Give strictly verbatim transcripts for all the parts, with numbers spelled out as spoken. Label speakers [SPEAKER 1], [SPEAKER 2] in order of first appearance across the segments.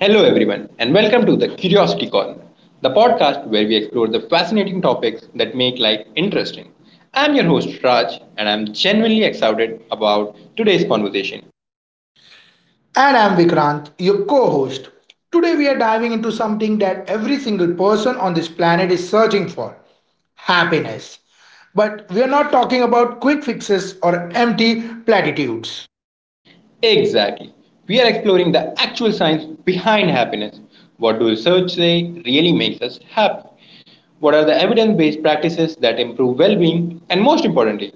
[SPEAKER 1] Hello, everyone, and welcome to the Curiosity Corner, the podcast where we explore the fascinating topics that make life interesting. I'm your host, Raj, and I'm genuinely excited about today's conversation.
[SPEAKER 2] And I'm Vikrant, your co host. Today we are diving into something that every single person on this planet is searching for happiness. But we are not talking about quick fixes or empty platitudes.
[SPEAKER 1] Exactly. We are exploring the actual science behind happiness. What do research say really makes us happy? What are the evidence based practices that improve well being? And most importantly,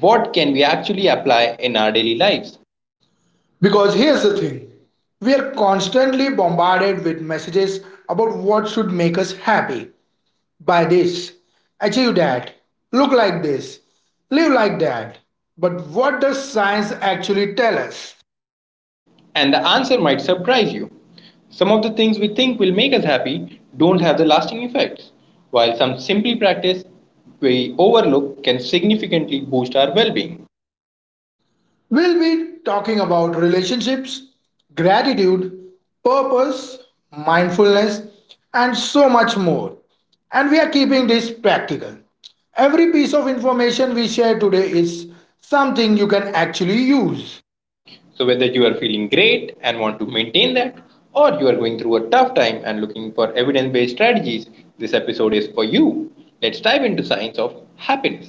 [SPEAKER 1] what can we actually apply in our daily lives?
[SPEAKER 2] Because here's the thing we are constantly bombarded with messages about what should make us happy. Buy this, achieve that, look like this, live like that. But what does science actually tell us?
[SPEAKER 1] And the answer might surprise you. Some of the things we think will make us happy don't have the lasting effects, while some simply practice we overlook can significantly boost our well being.
[SPEAKER 2] We'll be talking about relationships, gratitude, purpose, mindfulness, and so much more. And we are keeping this practical. Every piece of information we share today is something you can actually use.
[SPEAKER 1] So, whether you are feeling great and want to maintain that, or you are going through a tough time and looking for evidence based strategies, this episode is for you. Let's dive into science of happiness.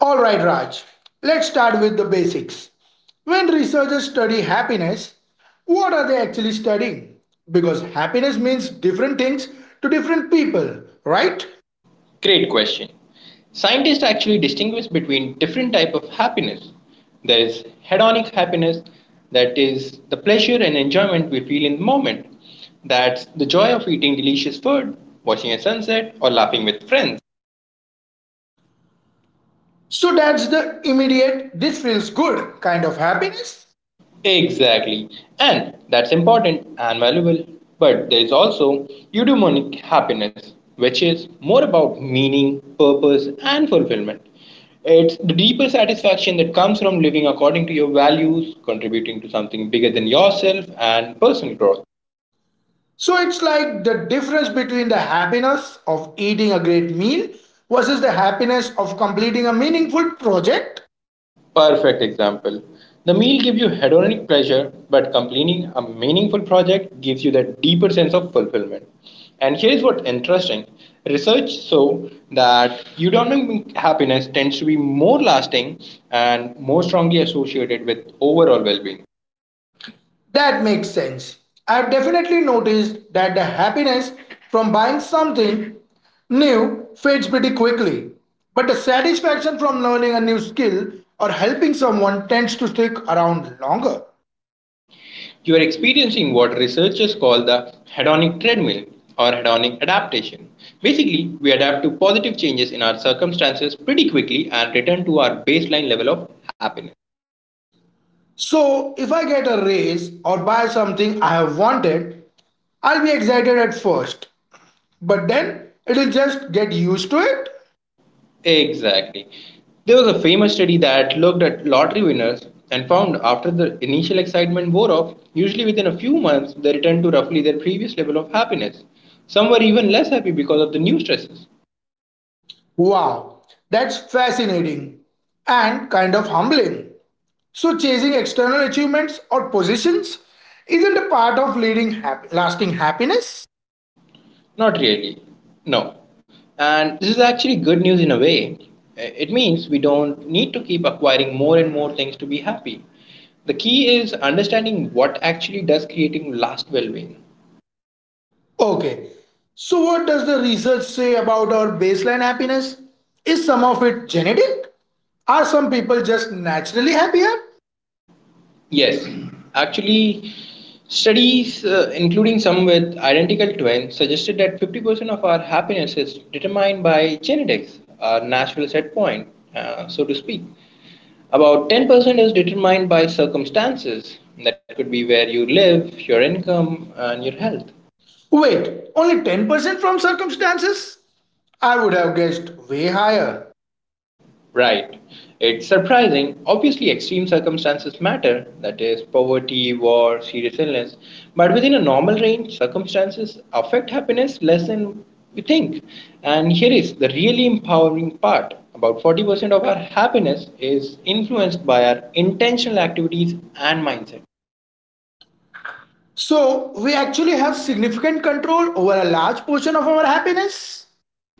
[SPEAKER 2] All right, Raj, let's start with the basics. When researchers study happiness, what are they actually studying? Because happiness means different things to different people, right?
[SPEAKER 1] Great question. Scientists actually distinguish between different type of happiness. There is hedonic happiness, that is the pleasure and enjoyment we feel in the moment. That's the joy of eating delicious food, watching a sunset, or laughing with friends.
[SPEAKER 2] So that's the immediate, this feels good kind of happiness.
[SPEAKER 1] Exactly. And that's important and valuable. But there is also eudaimonic happiness, which is more about meaning, purpose, and fulfillment. It's the deeper satisfaction that comes from living according to your values, contributing to something bigger than yourself, and personal growth.
[SPEAKER 2] So it's like the difference between the happiness of eating a great meal versus the happiness of completing a meaningful project.
[SPEAKER 1] Perfect example. The meal gives you hedonic pleasure, but completing a meaningful project gives you that deeper sense of fulfillment. And here's what's interesting research show that eudaimonic happiness tends to be more lasting and more strongly associated with overall well being.
[SPEAKER 2] That makes sense. I've definitely noticed that the happiness from buying something new fades pretty quickly, but the satisfaction from learning a new skill or helping someone tends to stick around longer.
[SPEAKER 1] You are experiencing what researchers call the hedonic treadmill or hedonic adaptation. Basically, we adapt to positive changes in our circumstances pretty quickly and return to our baseline level of happiness.
[SPEAKER 2] So, if I get a raise or buy something I have wanted, I'll be excited at first, but then it'll just get used to it.
[SPEAKER 1] Exactly. There was a famous study that looked at lottery winners and found after the initial excitement wore off, usually within a few months, they returned to roughly their previous level of happiness. Some were even less happy because of the new stresses.
[SPEAKER 2] Wow, that's fascinating and kind of humbling. So, chasing external achievements or positions isn't a part of leading happy, lasting happiness?
[SPEAKER 1] Not really. No. And this is actually good news in a way. Eh, It means we don't need to keep acquiring more and more things to be happy. The key is understanding what actually does creating last well being.
[SPEAKER 2] Okay, so what does the research say about our baseline happiness? Is some of it genetic? Are some people just naturally happier?
[SPEAKER 1] Yes, actually, studies, uh, including some with identical twins, suggested that fifty percent of our happiness is determined by genetics, our natural set point, uh, so to speak. About ten percent is determined by circumstances. That could be where you live, your income, and your health.
[SPEAKER 2] Wait, only ten percent from circumstances? I would have guessed way higher.
[SPEAKER 1] Right. It's surprising. Obviously, extreme circumstances matter that is, poverty, war, serious illness. But within a normal range, circumstances affect happiness less than we think. And here is the really empowering part about forty percent of our happiness is influenced by our intentional activities and mindset.
[SPEAKER 2] So, we actually have significant control over a large portion of our happiness?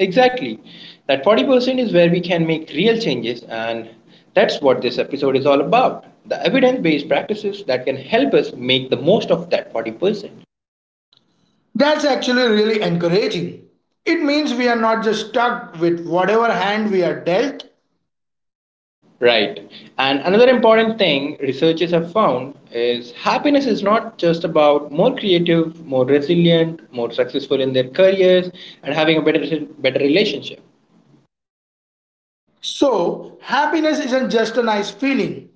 [SPEAKER 1] Exactly. That forty percent is where we can make real changes, and that's what this episode is all about the evidence based practices that can help us make the most of that forty percent.
[SPEAKER 2] That's actually really encouraging. It means we are not just stuck with whatever hand we are dealt.
[SPEAKER 1] Right. And another important thing researchers have found is happiness is not just about more creative, more resilient, more successful in their careers, and having a better, better relationship.
[SPEAKER 2] So, happiness isn't just a nice feeling,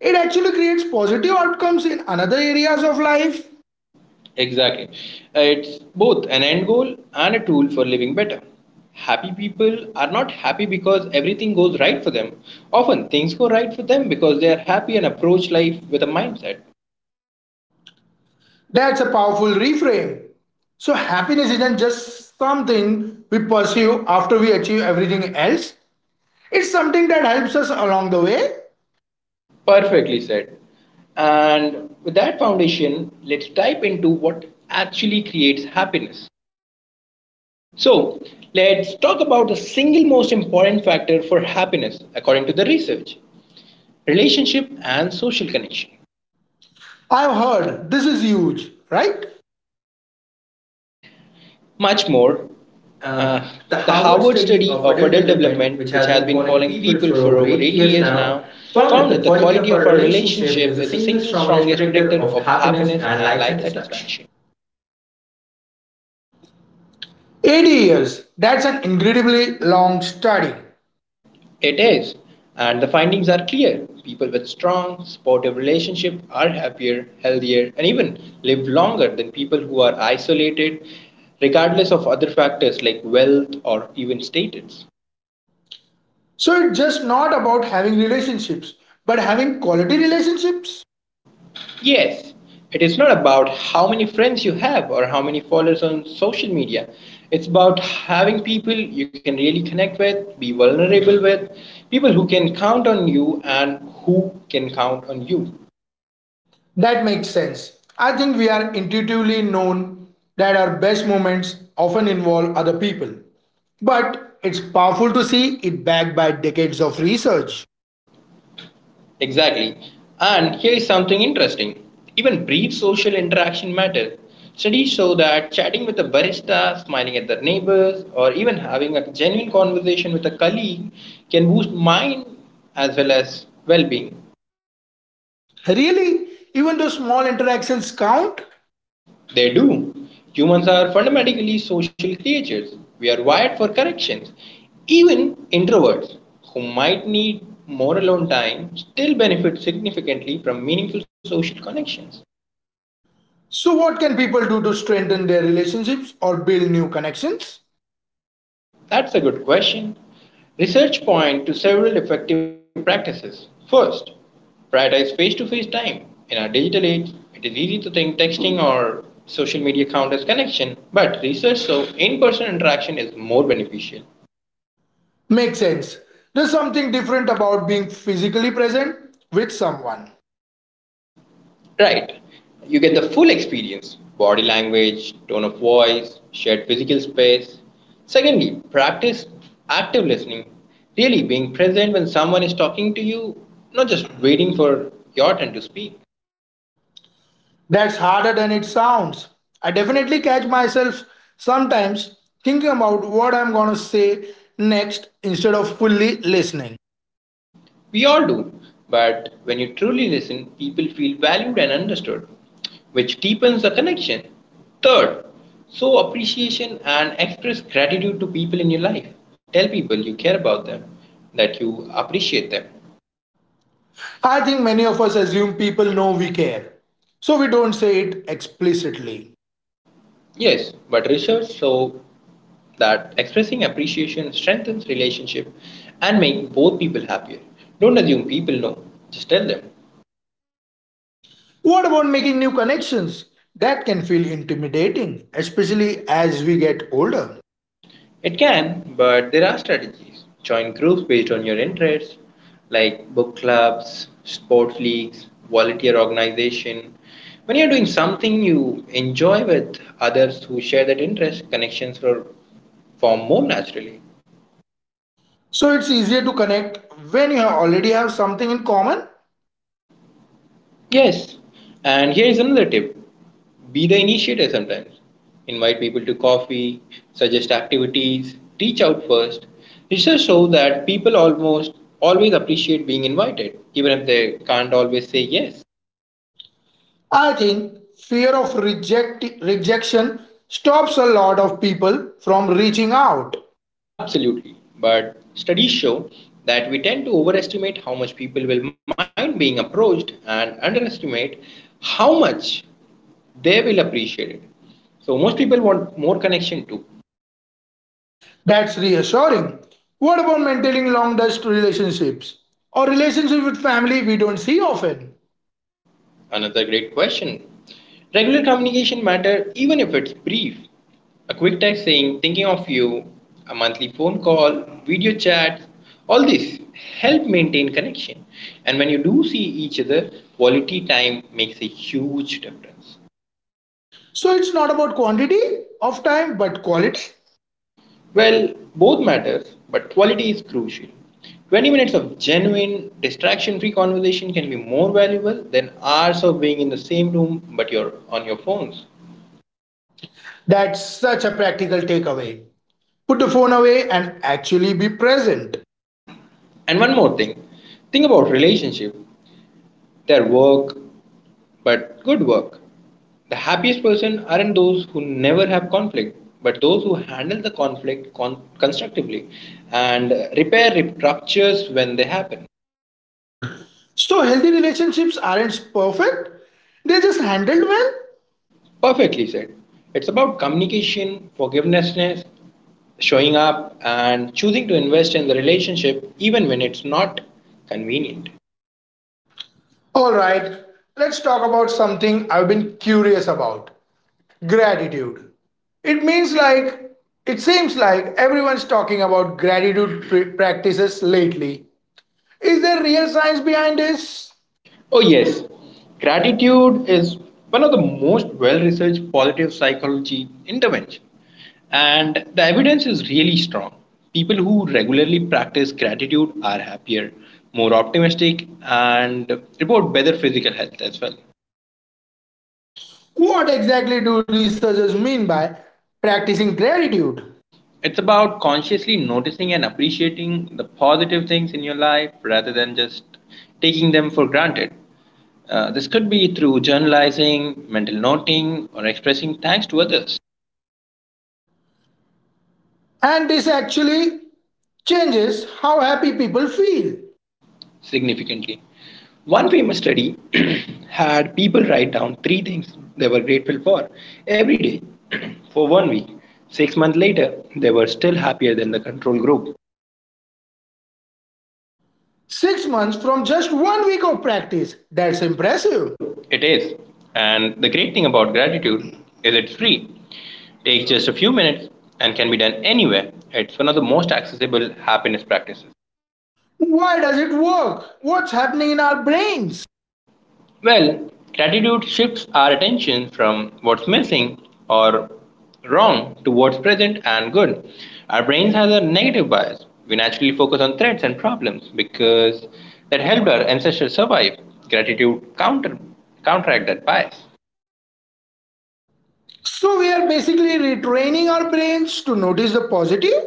[SPEAKER 2] it actually creates positive outcomes in other areas of life.
[SPEAKER 1] Exactly. Uh, It's both an end goal and a tool for living better. Happy people are not happy because everything goes right for them. Often things go right for them because they are happy and approach life with a mindset.
[SPEAKER 2] That's a powerful reframe. So, happiness isn't just something we pursue after we achieve everything else, it's something that helps us along the way.
[SPEAKER 1] Perfectly said. And with that foundation, let's dive into what actually creates happiness. So, let's talk about the single most important factor for happiness according to the research relationship and social connection.
[SPEAKER 2] I've heard this is huge, right?
[SPEAKER 1] Much
[SPEAKER 2] More,
[SPEAKER 1] more.
[SPEAKER 2] uh,
[SPEAKER 1] Uh,
[SPEAKER 2] the
[SPEAKER 1] the
[SPEAKER 2] Harvard
[SPEAKER 1] Harvard
[SPEAKER 2] study
[SPEAKER 1] study
[SPEAKER 2] of
[SPEAKER 1] of
[SPEAKER 2] adult
[SPEAKER 1] adult
[SPEAKER 2] development,
[SPEAKER 1] development,
[SPEAKER 2] which
[SPEAKER 1] which
[SPEAKER 2] has
[SPEAKER 1] has
[SPEAKER 2] been
[SPEAKER 1] been
[SPEAKER 2] following
[SPEAKER 1] following
[SPEAKER 2] people
[SPEAKER 1] people
[SPEAKER 2] for
[SPEAKER 1] for
[SPEAKER 2] over
[SPEAKER 1] over
[SPEAKER 2] eighty
[SPEAKER 1] eighty
[SPEAKER 2] years
[SPEAKER 1] years
[SPEAKER 2] now,
[SPEAKER 1] now,
[SPEAKER 2] found that
[SPEAKER 1] found that
[SPEAKER 2] the
[SPEAKER 1] the
[SPEAKER 2] quality
[SPEAKER 1] quality
[SPEAKER 2] of our
[SPEAKER 1] of our
[SPEAKER 2] relationship is
[SPEAKER 1] relationship
[SPEAKER 2] the
[SPEAKER 1] is the
[SPEAKER 2] single
[SPEAKER 1] single
[SPEAKER 2] strongest
[SPEAKER 1] strongest
[SPEAKER 2] predictor
[SPEAKER 1] predictor
[SPEAKER 2] of
[SPEAKER 1] of
[SPEAKER 2] happiness
[SPEAKER 1] happiness
[SPEAKER 2] and
[SPEAKER 1] and
[SPEAKER 2] life
[SPEAKER 1] life
[SPEAKER 2] satisfaction.
[SPEAKER 1] satisfaction.
[SPEAKER 2] eighty years. That's an incredibly long study.
[SPEAKER 1] It is, and the findings are clear. People with strong, supportive relationships are happier, healthier, and even live longer than people who are isolated, regardless of other factors like wealth or even status.
[SPEAKER 2] So it's just not about having relationships, but having quality relationships?
[SPEAKER 1] Yes, it is not about how many friends you have or how many followers on social media. It's about having people you can really connect with, be vulnerable with, people who can count on you and who can count on you.
[SPEAKER 2] That makes sense. I think we are intuitively known that our best moments often involve other people. But it's powerful to see it backed by decades of research.
[SPEAKER 1] Exactly. And here is something interesting. Even brief social interaction matters. Studies show that chatting with a barista, smiling at their neighbors, or even having a genuine conversation with a colleague can boost mind as well as well being.
[SPEAKER 2] Really? Even though small interactions count?
[SPEAKER 1] They do. Humans are fundamentally social creatures. We are wired for corrections. Even introverts who might need more alone time still benefit significantly from meaningful social connections.
[SPEAKER 2] So, what can people do to strengthen their relationships or build new connections?
[SPEAKER 1] That's a good question. Research point to several effective practices. First, prioritize face-to-face time. In our digital age, it is easy to think texting or social media count as connection, but research shows in-person interaction is more beneficial.
[SPEAKER 2] Makes sense. There's something different about being physically present with someone.
[SPEAKER 1] Right. You get the full experience body language, tone of voice, shared physical space. Secondly, practice active listening, really being present when someone is talking to you, not just waiting for your turn to speak.
[SPEAKER 2] That's harder than it sounds. I definitely catch myself sometimes thinking about what I'm gonna say next instead of fully listening.
[SPEAKER 1] We all do, but when you truly listen, people feel valued and understood, which deepens the connection. Third, show appreciation and express gratitude to people in your life. Tell people you care about them, that you appreciate them.
[SPEAKER 2] I think many of us assume people know we care, so we don't say it explicitly.
[SPEAKER 1] Yes, but research shows that expressing appreciation strengthens relationship and make both people happier. Don't assume people know, just tell them.
[SPEAKER 2] What about making new connections? That can feel intimidating, especially as we get older.
[SPEAKER 1] It can, but there are strategies. Join groups based on your interests, like book clubs, sports leagues, volunteer organization. When you're doing something you enjoy with others who share that interest, connections are form more naturally.
[SPEAKER 2] So it's easier to connect when you already have something in common?
[SPEAKER 1] Yes, and here is another tip be the initiator sometimes. Invite people to coffee, suggest activities, reach out first. Research shows that people almost always appreciate being invited, even if they can't always say yes.
[SPEAKER 2] I think fear of reject rejection stops a lot of people from reaching out.
[SPEAKER 1] Absolutely, but studies show that we tend to overestimate how much people will mind being approached and underestimate how much they will appreciate it. So most people want more connection too.
[SPEAKER 2] That's reassuring. What about maintaining long distance relationships or relationships with family we don't see often?
[SPEAKER 1] Another great question. Regular communication matter even if it's brief. A quick text saying thinking of you, a monthly phone call, video chats, all this help maintain connection. And when you do see each other, quality time makes a huge difference.
[SPEAKER 2] So it's not about quantity of time but quality.
[SPEAKER 1] Well, both matters, but quality is crucial. twenty minutes of genuine, distraction free conversation can be more valuable than hours of being in the same room but you're on your phones.
[SPEAKER 2] That's such a practical takeaway. Put the phone away and actually be present.
[SPEAKER 1] And one more thing, think about relationship, their work, but good work. The happiest person aren't those who never have conflict, but those who handle the conflict con- constructively and repair rip- ruptures when they happen.
[SPEAKER 2] So healthy relationships aren't perfect, they're just handled well.
[SPEAKER 1] Perfectly said. It's about communication, forgiveness, showing up, and choosing to invest in the relationship even when it's not convenient.
[SPEAKER 2] All right, let's talk about something I've been curious about gratitude. It means like, it seems like everyone's talking about gratitude practices lately. Is there real science behind this?
[SPEAKER 1] Oh, yes. Gratitude is one of the most well researched positive psychology intervention, and the evidence is really strong. People who regularly practice gratitude are happier, more optimistic, and report better physical health as well.
[SPEAKER 2] What exactly do researchers mean by practicing gratitude?
[SPEAKER 1] It's about consciously noticing and appreciating the positive things in your life rather than just taking them for granted. Uh, this could be through journalizing, mental noting, or expressing thanks to others
[SPEAKER 2] And this actually changes how happy people feel.
[SPEAKER 1] significantly. One famous study had people write down three things they were grateful for every day for one week. Six months later, they were still happier than the control group.
[SPEAKER 2] Six months from just one week of practice. That's impressive.
[SPEAKER 1] It is. And the great thing about gratitude is it's free. Takes just a few minutes and can be done anywhere. It's one of the most accessible happiness practices.
[SPEAKER 2] Why does it work? What's happening in our brains?
[SPEAKER 1] Well, gratitude shifts our attention from what's missing or wrong to what's present and good. Our brains has a negative bias. We naturally focus on threats and problems because that helped our ancestors survive. Gratitude counter counteract that bias.
[SPEAKER 2] So we are basically retraining our brains to notice the positive.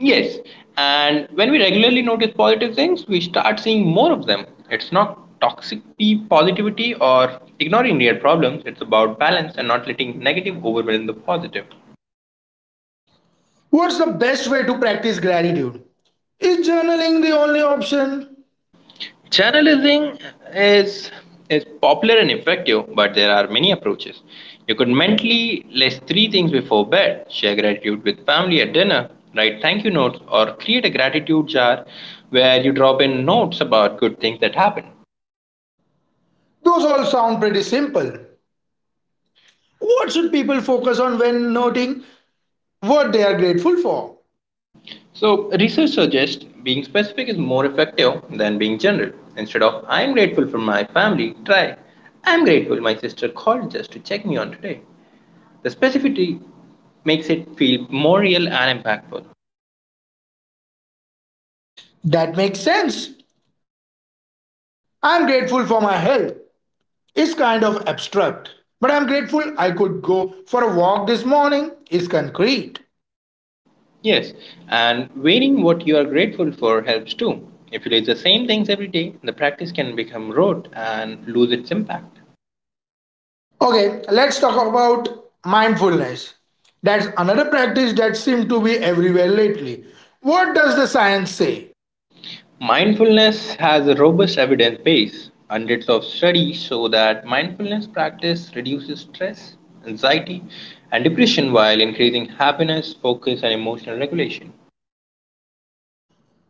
[SPEAKER 1] Yes, and when we regularly notice positive things, we start seeing more of them. It's not toxic p- positivity or ignoring real problems, it's about balance and not letting negative overwhelm the positive.
[SPEAKER 2] What's the best way to practice gratitude? Is journaling the only option?
[SPEAKER 1] Journalism is is popular and effective, but there are many approaches. You could mentally list three things before bed, share gratitude with family at dinner, write thank you notes, or create a gratitude jar where you drop in notes about good things that happen.
[SPEAKER 2] Those all sound pretty simple. What should people focus on when noting what they are grateful for?
[SPEAKER 1] So research suggests being specific is more effective than being general. Instead of I'm grateful for my family, try I'm grateful my sister called just to check me on today. The specificity makes it feel more real and impactful.
[SPEAKER 2] That makes sense. I'm grateful for my health. It's kind of abstract. But I'm grateful I could go for a walk this morning. It's concrete.
[SPEAKER 1] Yes, and weighing what you are grateful for helps too. If you do the same things every day, the practice can become rote and lose its impact.
[SPEAKER 2] Okay, let's talk about mindfulness. That's another practice that seems to be everywhere lately. What does the science say?
[SPEAKER 1] Mindfulness has a robust evidence base. Hundreds of studies show that mindfulness practice reduces stress, anxiety, and depression while increasing happiness, focus, and emotional regulation.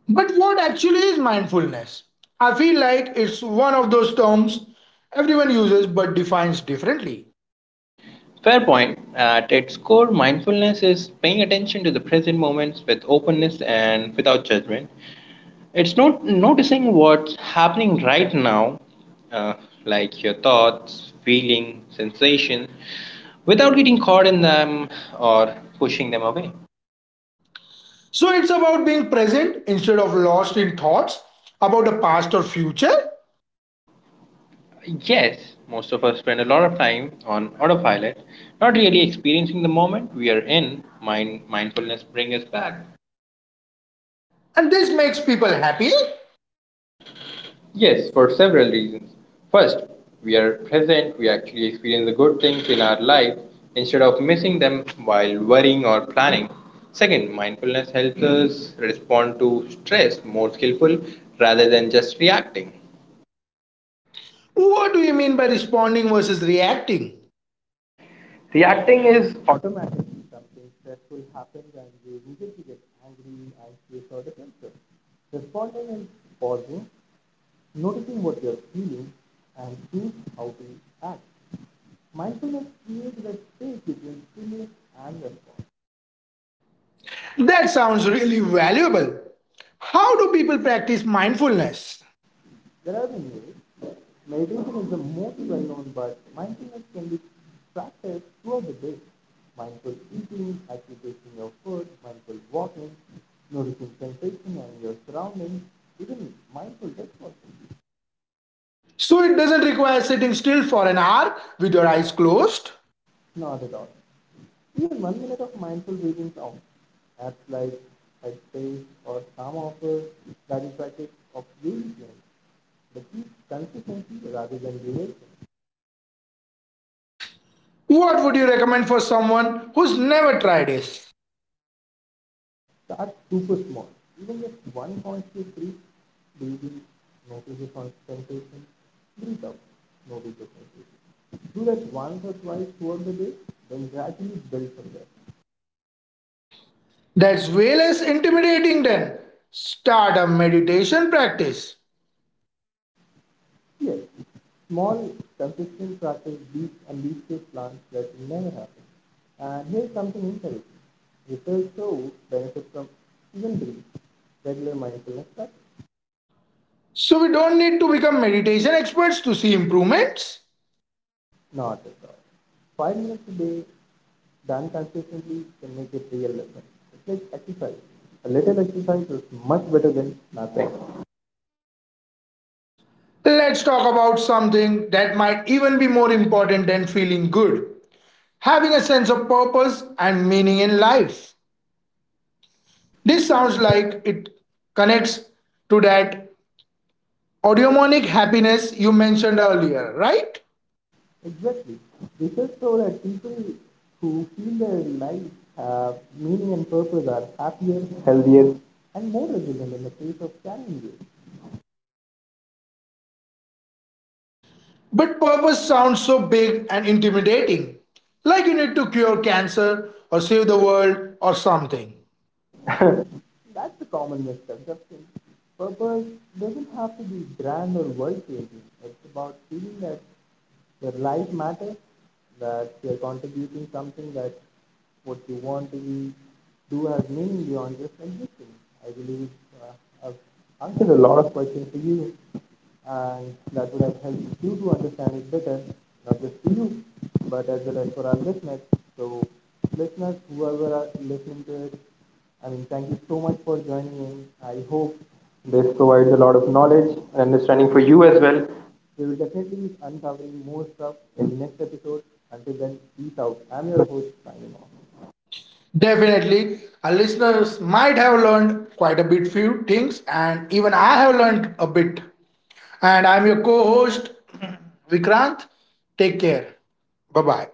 [SPEAKER 2] But what actually is mindfulness? I feel like it's one of those terms everyone uses but defines differently.
[SPEAKER 1] Fair point. At its core, mindfulness is paying attention to the present moments with openness and without judgment. It's not noticing what's happening right now, uh, like your thoughts, feeling, sensations, without getting caught in them or pushing them away.
[SPEAKER 2] So it's about being present instead of lost in thoughts about the past or future,
[SPEAKER 1] Yes, most of us spend a lot of time on autopilot, not really experiencing the moment we are in. Mind mindfulness brings us back.
[SPEAKER 2] and this makes people happy.
[SPEAKER 1] Yes, for several reasons. First, we are present, we actually experience the good things in our life instead of missing them while worrying or planning. Second, mindfulness helps us respond to stress more skillful rather than just reacting.
[SPEAKER 2] What do you mean by responding versus reacting?
[SPEAKER 1] Reacting is
[SPEAKER 2] That sounds really valuable. How do people practice mindfulness? So it doesn't require sitting still for an hour with your eyes closed. What would you recommend for someone who's never tried this? That's way less intimidating than start a meditation practice. So we don't need to become meditation experts to see improvements. Let's talk about something that might even be more important than feeling good having a sense of purpose and meaning in life. This sounds like it connects to that eudaimonic happiness you mentioned earlier, right? But purpose sounds so big and intimidating, like you need to cure cancer or save the world or something. Definitely, our listeners might have learned quite a bit few things, and even I have learned a bit. And I'm your co-host, Vikrant. Take care. Bye bye.